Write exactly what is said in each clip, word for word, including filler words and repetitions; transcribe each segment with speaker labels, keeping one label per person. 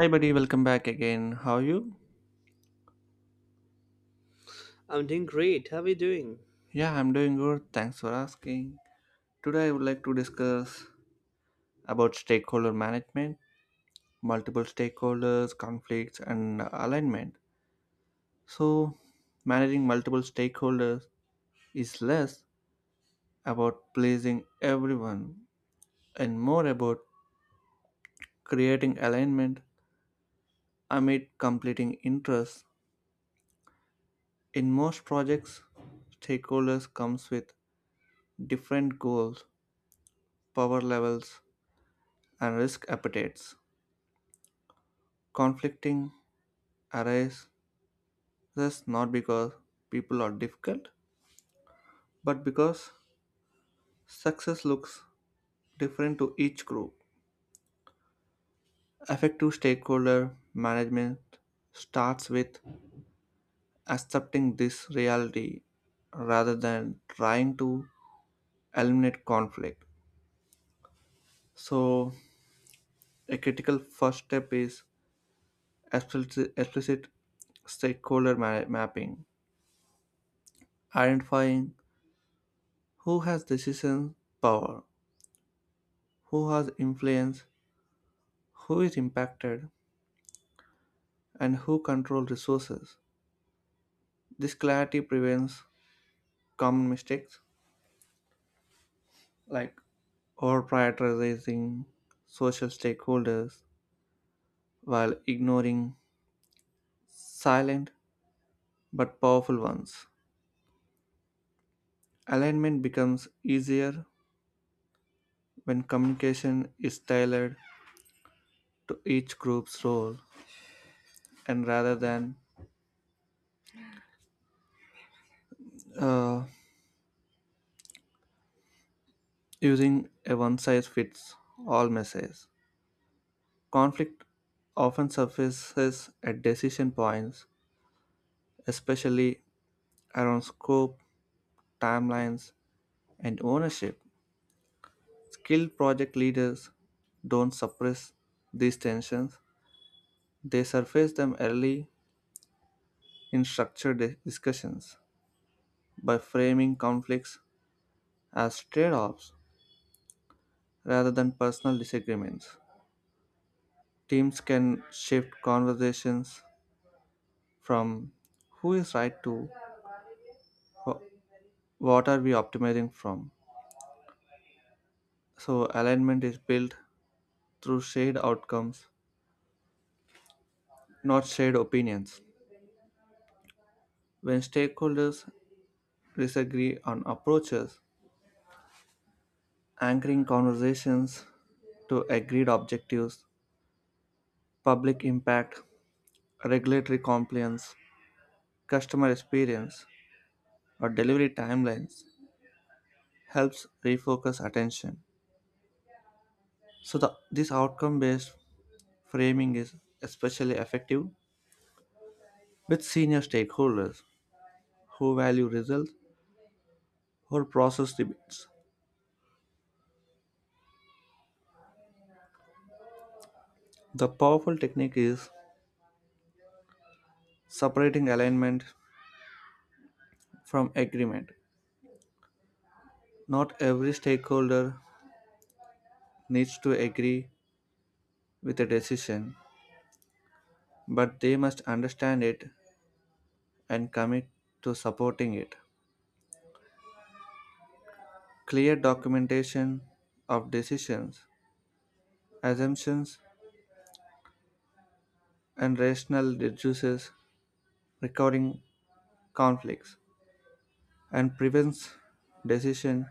Speaker 1: Hi, buddy. Welcome back again. How are you?
Speaker 2: I'm doing great. How are you doing?
Speaker 1: Yeah, I'm doing good. Thanks for asking. Today, I would like to discuss about stakeholder management, multiple stakeholders, conflicts, and alignment. So, managing multiple stakeholders is less about pleasing everyone and more about creating alignment amid completing interests. In most projects, stakeholders comes with different goals, power levels, and risk appetites conflicting arises not because people are difficult, but because success looks different to each group. Effective stakeholder management starts with accepting this reality rather than trying to eliminate conflict. So, a critical first step is explicit, explicit stakeholder ma- mapping, identifying who has decision power, who has influence, who is impacted, and who control resources. This clarity prevents common mistakes like over prioritizing social stakeholders while ignoring silent but powerful ones. Alignment becomes easier when communication is tailored to each group's role and rather than uh, using a one size fits all message. Conflict often surfaces at decision points, especially around scope, timelines, and ownership. Skilled project leaders don't suppress these tensions, they surface them early in structured di- discussions by framing conflicts as trade offs rather than personal disagreements. Teams can shift conversations from who is right to wh- what are we optimizing from. So, alignment is built through shared outcomes, not shared opinions. When stakeholders disagree on approaches, anchoring conversations to agreed objectives, public impact, regulatory compliance, customer experience, or delivery timelines helps refocus attention. So, the, this outcome based framing is especially effective with senior stakeholders who value results or process debates. The powerful technique is separating alignment from agreement. Not every stakeholder needs to agree with a decision, but they must understand it and commit to supporting it. Clear documentation of decisions, assumptions, and rationale reduces recurring conflicts and prevents decision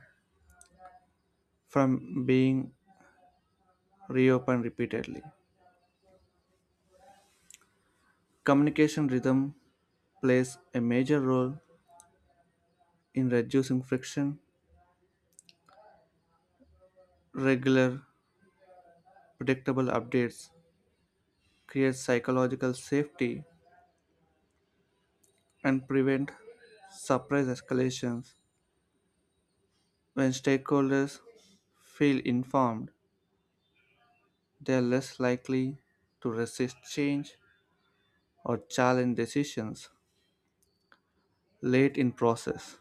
Speaker 1: from being reopened repeatedly. Communication rhythm plays a major role in reducing friction. Regular, predictable updates create psychological safety and prevent surprise escalations. When stakeholders feel informed, they are less likely to resist change or challenge decisions late in process.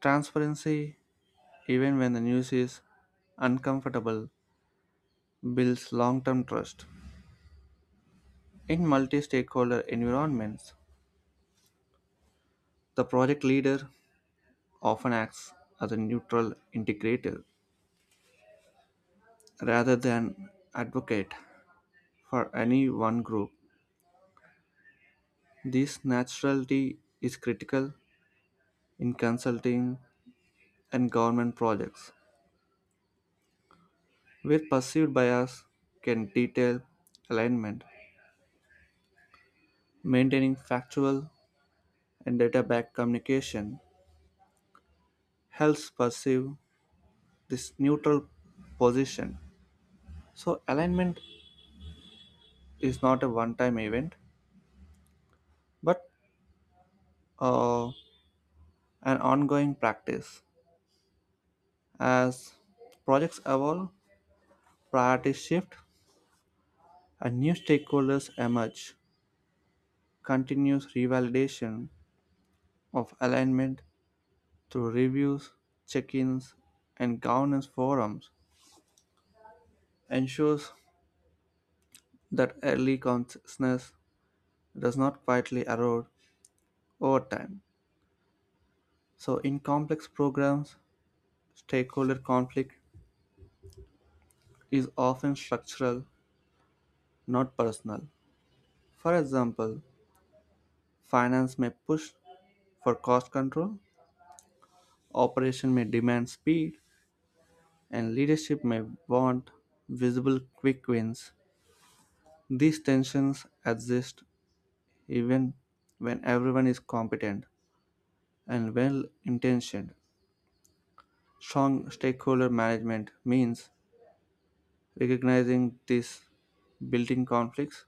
Speaker 1: Transparency, even when the news is uncomfortable, builds long-term trust. In multi-stakeholder environments, the project leader often acts as a neutral integrator rather than advocate for any one group. This naturality is critical in consulting and government projects, where perceived bias can detail alignment. Maintaining factual and data backed communication helps perceive this neutral position. So, alignment is not a one time event but uh, an ongoing practice. As projects evolve, priorities shift, and new stakeholders emerge. Continuous revalidation of alignment through reviews, check-ins, and governance forums ensures that early consciousness does not quietly erode over time. So, in complex programs, stakeholder conflict is often structural, not personal. For example, finance may push for cost control, operation may demand speed, and leadership may want visible quick wins. These tensions exist even when everyone is competent and well intentioned. Strong stakeholder management means recognizing these building conflicts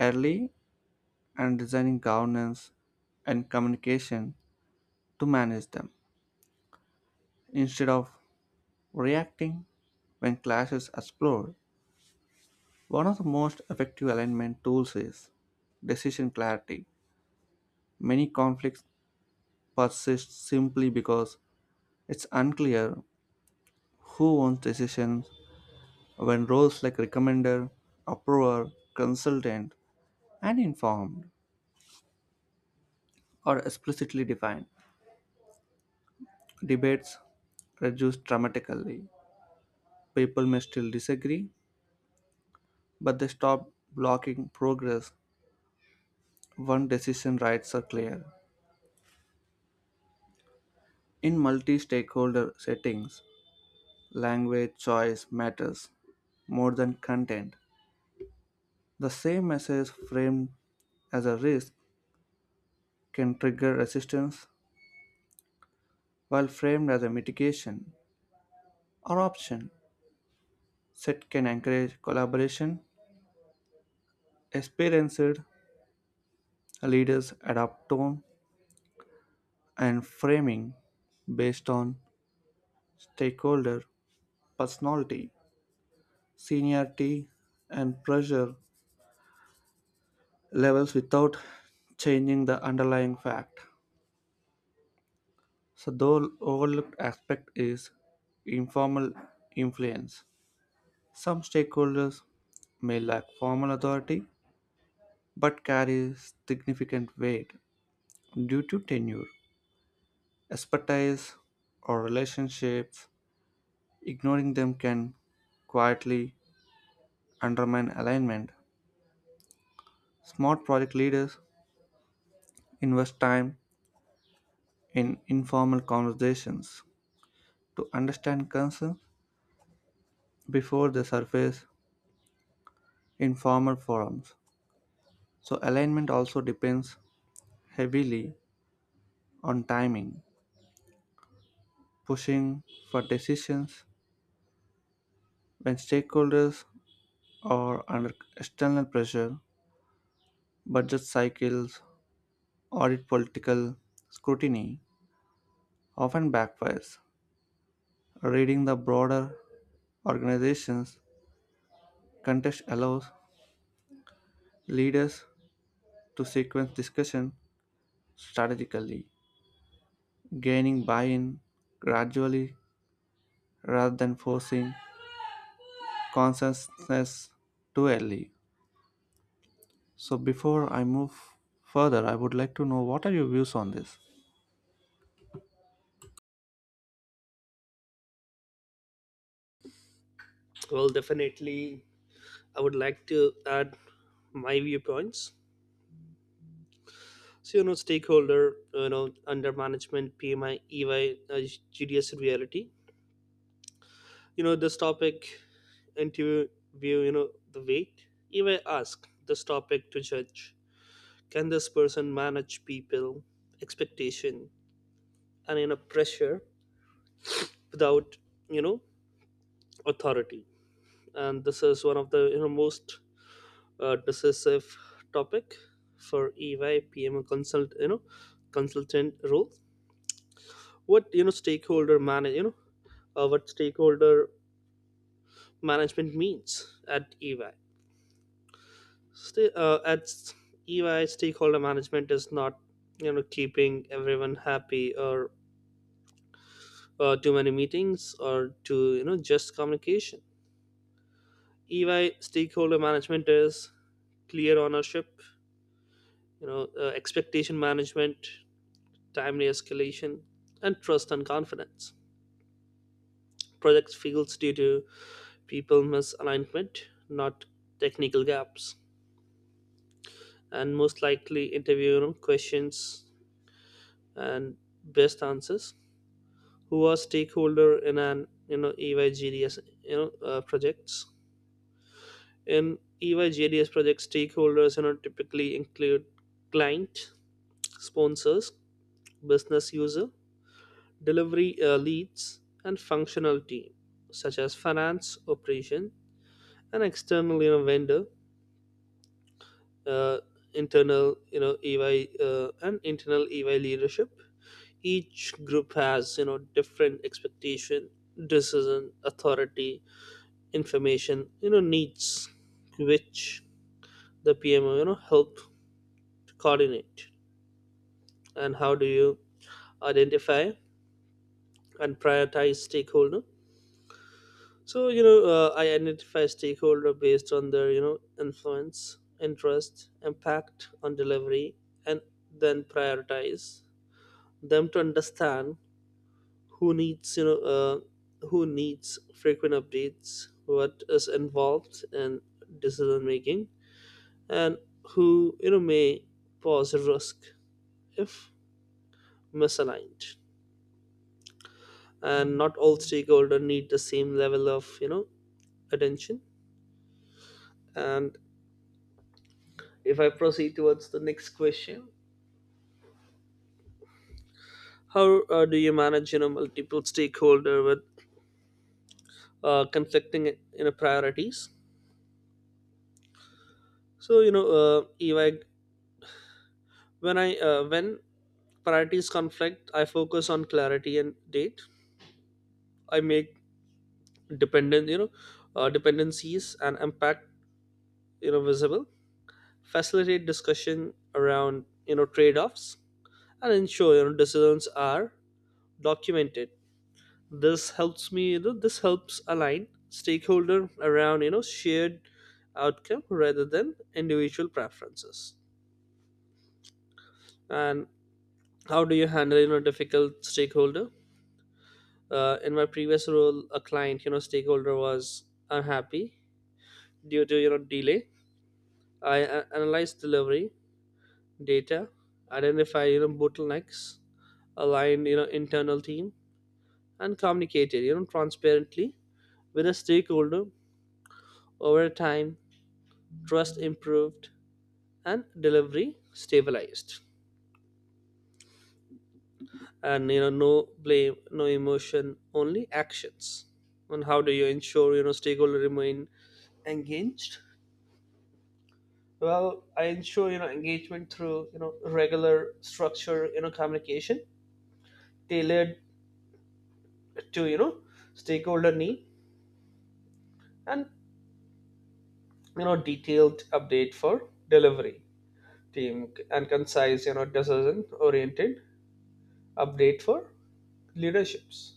Speaker 1: early and designing governance and communication to manage them instead of reacting when clashes explode. One of the most effective alignment tools is decision clarity. Many conflicts persist simply because it's unclear who owns decisions when roles like recommender, approver, consultant, and informed are explicitly defined. Debates reduce dramatically. People may still disagree, but they stop blocking progress when decision rights are clear. In multi stakeholder settings, language choice matters more than content. The same message framed as a risk can trigger resistance, while framed as a mitigation or option, S E T can encourage collaboration. Experienced leaders adapt tone and framing based on stakeholder personality, seniority, and pressure levels without changing the underlying fact. So, the overlooked aspect is informal influence. Some stakeholders may lack formal authority but carry significant weight due to tenure, expertise, or relationships. Ignoring them can quietly undermine alignment. Smart project leaders invest time in informal conversations to understand concerns before they surface in formal forums. So, alignment also depends heavily on timing, pushing for decisions when stakeholders are under external pressure, budget cycles, audit political scrutiny often backfires. Reading the broader organization's context allows leaders to sequence discussion strategically, gaining buy in gradually rather than forcing consensus too early. So, before I move further, I would like to know, what are your views on this?
Speaker 2: Well, definitely, I would like to add my viewpoints. So, you know, stakeholder, you know, under management, P M I, E Y, uh, G D S reality. You know, this topic, interview, you know, the weight. E Y ask this topic to judge. Can this person manage people, expectation, and, you know, pressure without, you know, authority? And this is one of the, you know, most uh, decisive topic for E Y P M consult you know consultant role. What you know stakeholder manage you know uh, What stakeholder management means at E Y. Sta uh, at s- E Y, stakeholder management is not you know keeping everyone happy or uh, too many meetings or too you know just communication. E Y stakeholder management is clear ownership, you know, uh, expectation management, timely escalation, and trust and confidence. Projects fail due to people misalignment, not technical gaps, and most likely interview questions and best answers. Who are stakeholder in an you know E Y G D S you know uh, projects? In E Y G D S projects, stakeholders you know typically include client, sponsors, business user, delivery uh, leads, and functional team, such as finance, operation, and external you know, vendor, uh, internal you know E Y uh, and internal E Y leadership. Each group has you know different expectation, decision, authority, information you know needs, which the P M O you know help to coordinate. And how do you identify and prioritize stakeholder? So you know, uh, I identify stakeholder based on their you know influence, interest, impact on delivery, and then prioritize them to understand who needs you know uh, who needs frequent updates, what is involved in decision making, and who you know may pose risk if misaligned. And not all stakeholders need the same level of you know attention. And if I proceed towards the next question, how uh, do you manage you know multiple stakeholder with uh, conflicting you know priorities? So you know, uh, if I when I uh, when priorities conflict, I focus on clarity and date. I make dependent you know uh, dependencies and impact you know visible. Facilitate discussion around you know trade offs and ensure you know decisions are documented. This helps me you know this helps align stakeholder around you know shared outcome rather than individual preferences. And how do you handle you know difficult stakeholder? Uh, in my previous role, a client you know stakeholder was unhappy due to you know delay. I a- analyzed delivery data, identify you know bottlenecks, aligned you know internal team, and communicated you know transparently with a stakeholder. Over time, trust improved and delivery stabilized, and you know no blame, no emotion, only actions. And how do you ensure you know stakeholder remain engaged? Well, I ensure you know engagement through you know regular structure you know communication tailored to you know stakeholder need, and you know detailed update for delivery team and concise you know decision oriented update for leaderships.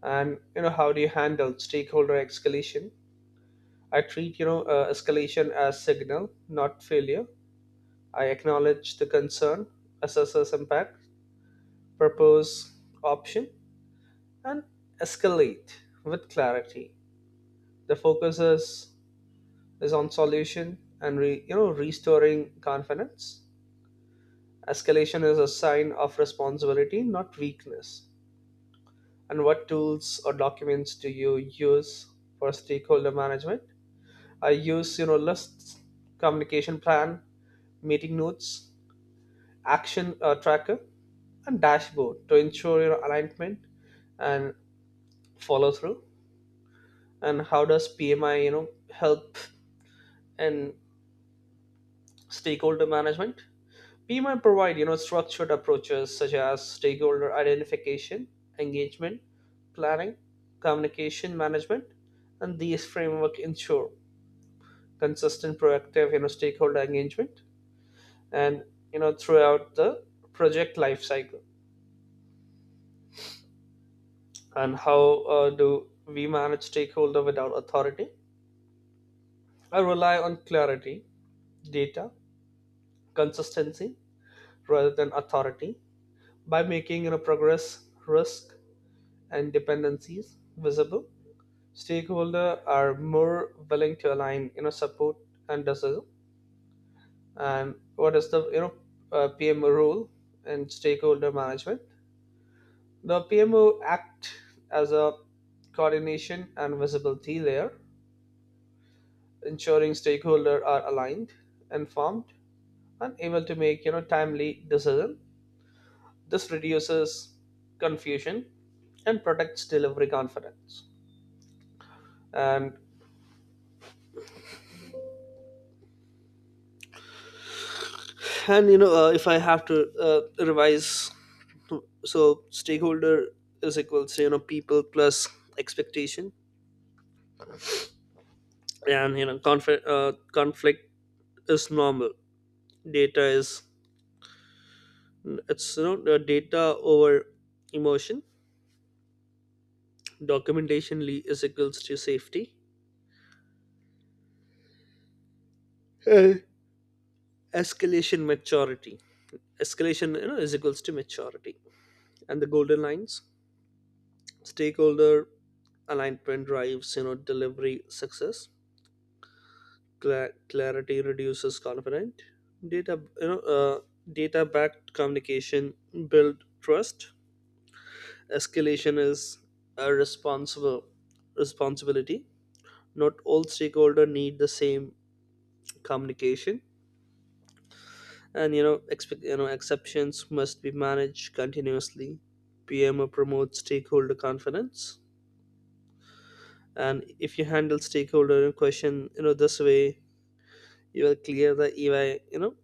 Speaker 2: And you know how do you handle stakeholder escalation? I treat you know uh, escalation as signal, not failure. I acknowledge the concern, assess its impact, propose option, and escalate with clarity. The focus is, is on solution and re, you know restoring confidence. Escalation is a sign of responsibility, not weakness. And what tools or documents do you use for stakeholder management? I use you know lists, communication plan, meeting notes, action uh, tracker, and dashboard to ensure your alignment and follow through. And how does P M I you know help in stakeholder management? P M I provide you know structured approaches such as stakeholder identification, engagement, planning, communication management, and these framework ensure consistent proactive you know stakeholder engagement and you know throughout the project life cycle. And how uh, do we manage stakeholder without authority? I rely on clarity, data, consistency rather than authority. By making you know progress, risk, and dependencies visible, stakeholder are more willing to align, you know support, and decision. And what is the you know uh, PMO role in stakeholder management? The P M O act as a coordination and visibility layer, ensuring stakeholders are aligned, informed, and able to make you know timely decision. This reduces confusion and protects delivery confidence. And and you know uh, if I have to uh, revise, so stakeholder is equal to you know people plus expectation, and you know conflict uh, conflict is normal. Data is N- It's not uh, data over emotion. Documentation le- is equals to safety. Hey. Escalation maturity. Escalation, you know, is equals to maturity. And the golden lines. Stakeholder alignment drives you know delivery success. Cla- clarity reduces confidence. Data you know uh, Data backed communication build trust. Escalation is a responsible responsibility. Not all stakeholders need the same communication, and you know, expect you know, exceptions must be managed continuously. P M O promotes stakeholder confidence, and if you handle stakeholder in question, you know, this way, you will clear the E Y, you know,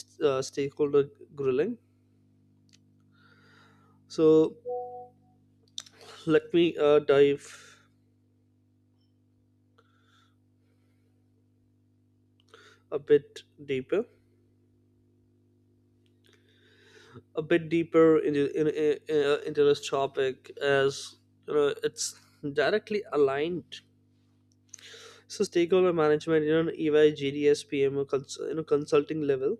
Speaker 2: st- uh, stakeholder grilling. So let me uh, dive a bit deeper a bit deeper into in, in, uh, into this topic, as you know it's directly aligned. So stakeholder management, you know, E Y, G D S, P M O, cons- you know, consulting level.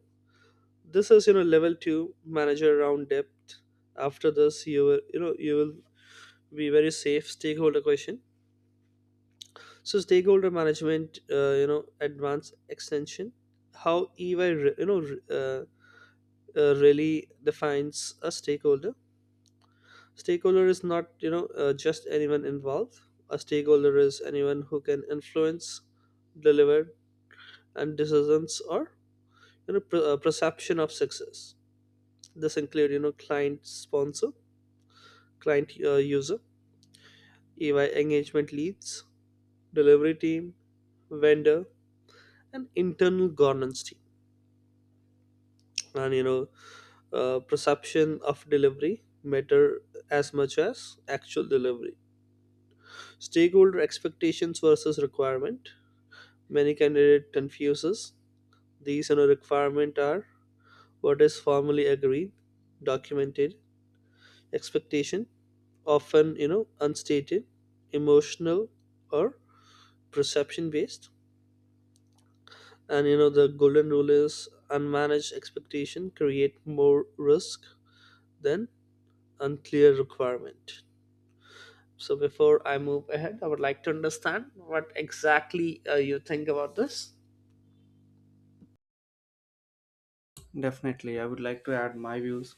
Speaker 2: This is you know level two manager round depth. After this, you will you know you will be very safe stakeholder question. So stakeholder management, uh, you know, advanced extension. How E Y re- you know, re- uh, uh, really defines a stakeholder. Stakeholder is not you know uh, just anyone involved. A stakeholder is anyone who can influence, deliver, and decisions or you know per- uh, perception of success. This include you know client sponsor, client uh, user, EY engagement leads, delivery team, vendor, and internal governance team. And you know uh, perception of delivery matter as much as actual delivery. Stakeholder expectations versus requirement: many candidate confuses these. You know requirement are what is formally agreed, documented. Expectation often you know unstated, emotional, or perception based. And you know the golden rule is unmanaged expectation create more risk than unclear requirement. So before I move ahead, I would like to understand what exactly uh, you think about this.
Speaker 1: Definitely, I would like to add my views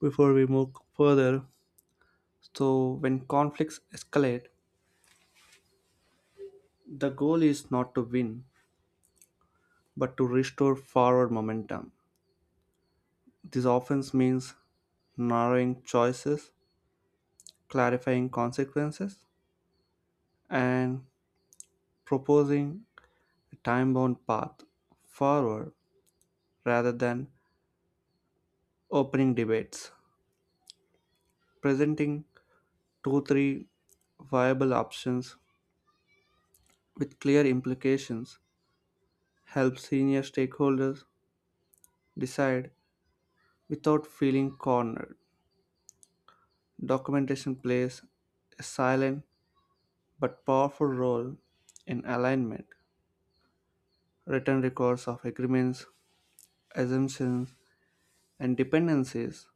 Speaker 1: before we move further. So, when conflicts escalate, the goal is not to win, but to restore forward momentum. This often means narrowing choices, clarifying consequences, and proposing a time bound path forward rather than opening debates. Presenting two, three viable options with clear implications helps senior stakeholders decide without feeling cornered. Documentation plays a silent but powerful role in alignment, written records of agreements, assumptions, and dependencies.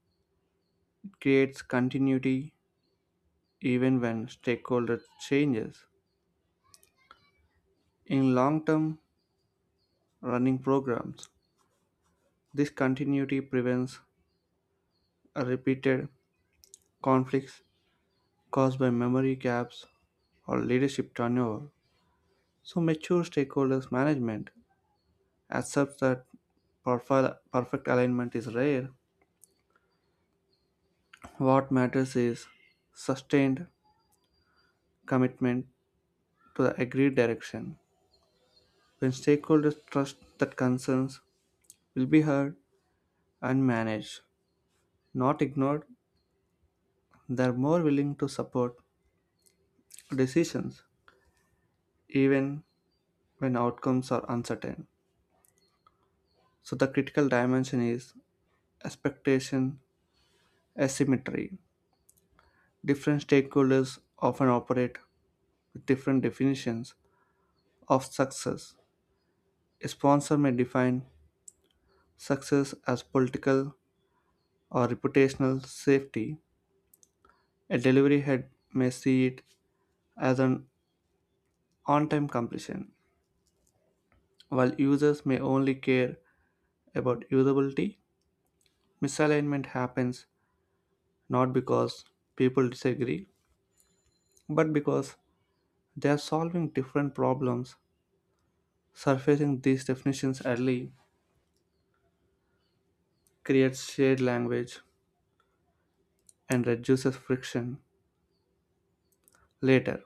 Speaker 1: It creates continuity even when stakeholder changes. In long term running programs, this continuity prevents a repeated conflicts caused by memory gaps or leadership turnover. So, mature stakeholders management accepts that perfect perfect alignment is rare. What matters is sustained commitment to the agreed direction. When stakeholders trust that concerns will be heard and managed, not ignored, they are more willing to support decisions even when outcomes are uncertain. So, the critical dimension is expectation asymmetry. Different stakeholders often operate with different definitions of success. A sponsor may define success as political or reputational safety, a delivery head may see it as an on time completion, while users may only care about usability. Misalignment happens not because people disagree, but because they are solving different problems. Surfacing these definitions early creates shared language and reduces friction later.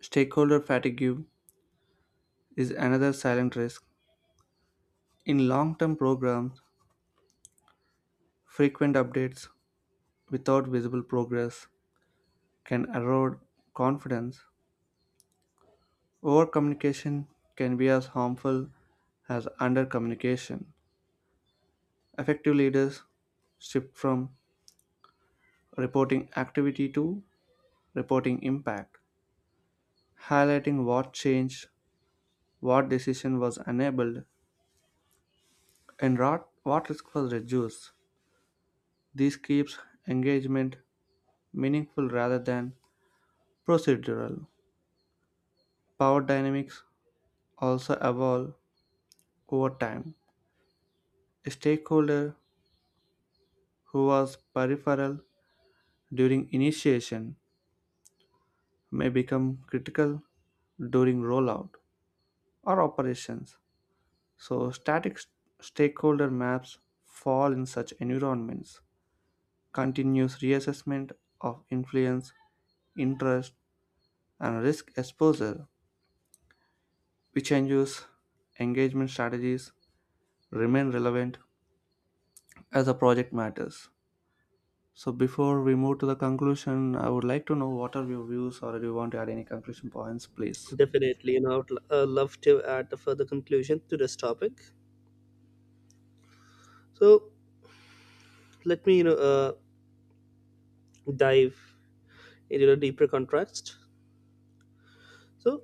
Speaker 1: Stakeholder fatigue is another silent risk. In long term programs, frequent updates without visible progress can erode confidence, overcommunication can be as harmful as undercommunication. Effective leaders shift from reporting activity to reporting impact, highlighting what changed, what decision was enabled, and rot- what risk was reduced. This keeps engagement meaningful rather than procedural. Power dynamics also evolve over time. A stakeholder who was peripheral during initiation may become critical during rollout or operations. So, static st- stakeholder maps fall in such environments. Continuous reassessment of influence, interest, and risk exposure, which changes engagement strategies, remain relevant as the project matters. So, before we move to the conclusion, I would like to know, what are your views, or do you want to add any conclusion points, please?
Speaker 2: Definitely, you know I would uh, love to add a further conclusion to this topic. So let me you know uh, dive into a deeper contrast. So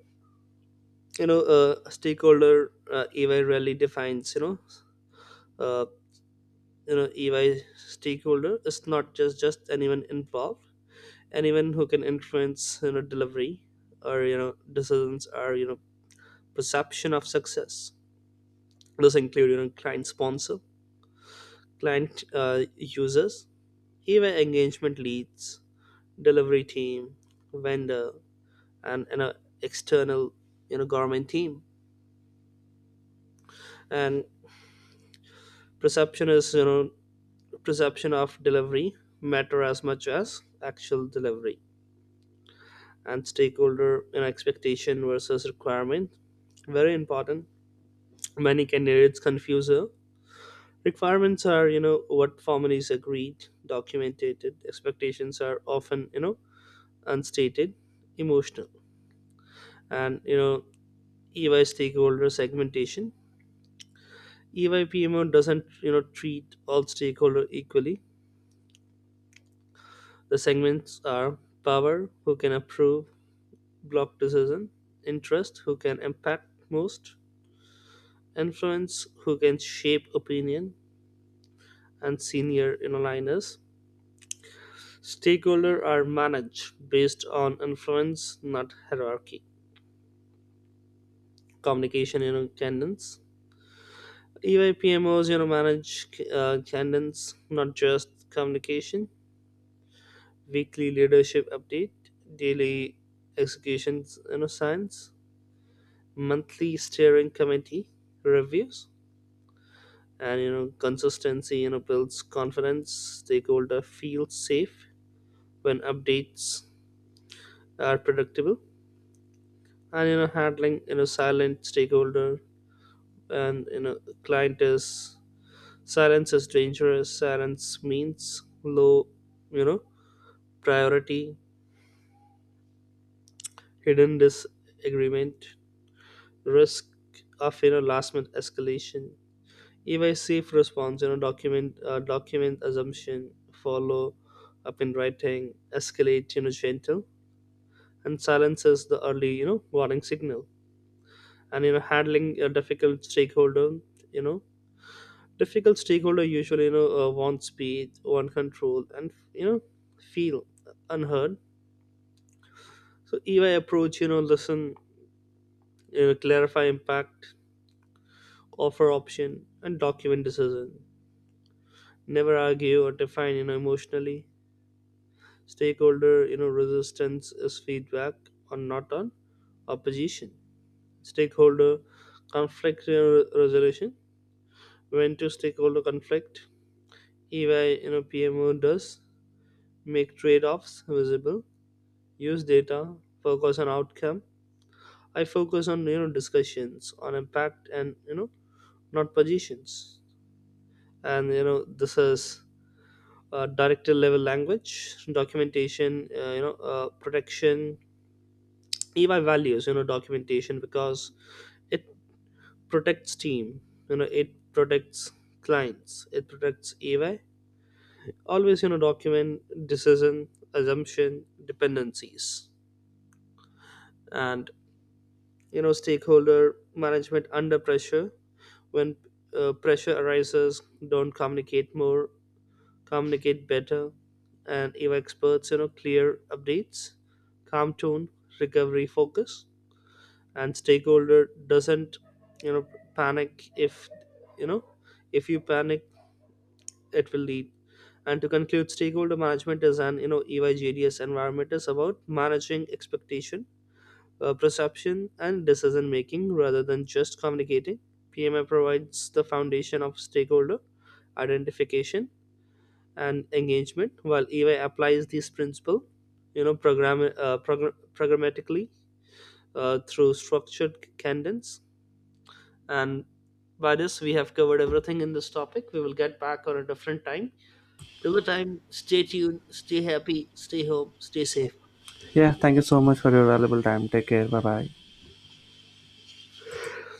Speaker 2: you know uh, stakeholder uh, ey really defines, you know uh, you know EY stakeholder is not just just anyone involved. Anyone who can influence you know delivery or you know decisions or you know perception of success. Those include you know client sponsor, client uh, users, EY engagement leads, delivery team, vendor, and you know external you know government team. And perception is, you know perception of delivery matter as much as actual delivery. And stakeholder and expectation versus requirement, very important. Many candidates confuse her. Requirements are you know what formalities agreed, documented. Expectations are often you know unstated, emotional. And you know EY stakeholder segmentation: EY PMO doesn't you know treat all stakeholder equally. The segments are power, who can approve, block decision; interest, who can impact most; influence, who can shape opinion; and senior aligners. Stakeholder are managed based on influence, not hierarchy. Communication, you know, cadence. E Y P M Os, you know, manage uh, cadence, not just communication. Weekly leadership update, daily executions, you know, signs, monthly steering committee reviews, and you know consistency you know builds confidence. Stakeholder feels safe when updates are predictable. And you know handling you know silent stakeholder, and you know client is, silence is dangerous. Silence means low, you know priority, hidden disagreement, risk of you know last minute escalation. If I safe response, you know document, uh, document assumption, follow up in writing, escalate you know gentle, and silences the early you know warning signal. And you know handling a difficult stakeholder, you know difficult stakeholder usually you know uh, want speed, want control, and you know feel unheard. So E Y approach, you know listen, you know, clarify impact, offer option, and document decision. Never argue or define you know emotionally. Stakeholder you know resistance is feedback on, not on opposition. Stakeholder conflict uh, resolution: when to stakeholder conflict, EY you know PMO does make trade-offs visible, use data, focus on outcome. I focus on you know discussions on impact and, you know not positions. And you know this is uh, director level language. Documentation, uh, you know uh, protection. EY values you know documentation because it protects team, you know it protects clients, it protects AY. Always you know document decision, assumption, dependencies. And you know stakeholder management under pressure: when uh, pressure arises, don't communicate more, communicate better. And if experts, you know clear updates, calm tone, recovery focus. And stakeholder doesn't, you know, panic if you know if you panic, it will lead. And to conclude, stakeholder management is an you know E Y J D S environment, is about managing expectation, uh, perception, and decision making rather than just communicating. P M I provides the foundation of stakeholder identification and engagement, while E Y applies these principles, you know, program uh, progr- programmatically uh, through structured cadence. And by this, we have covered everything in this topic. We will get back on a different time. Till the time, stay tuned, stay happy, stay home, stay safe.
Speaker 1: Yeah, thank you so much for your valuable time. Take care. Bye bye.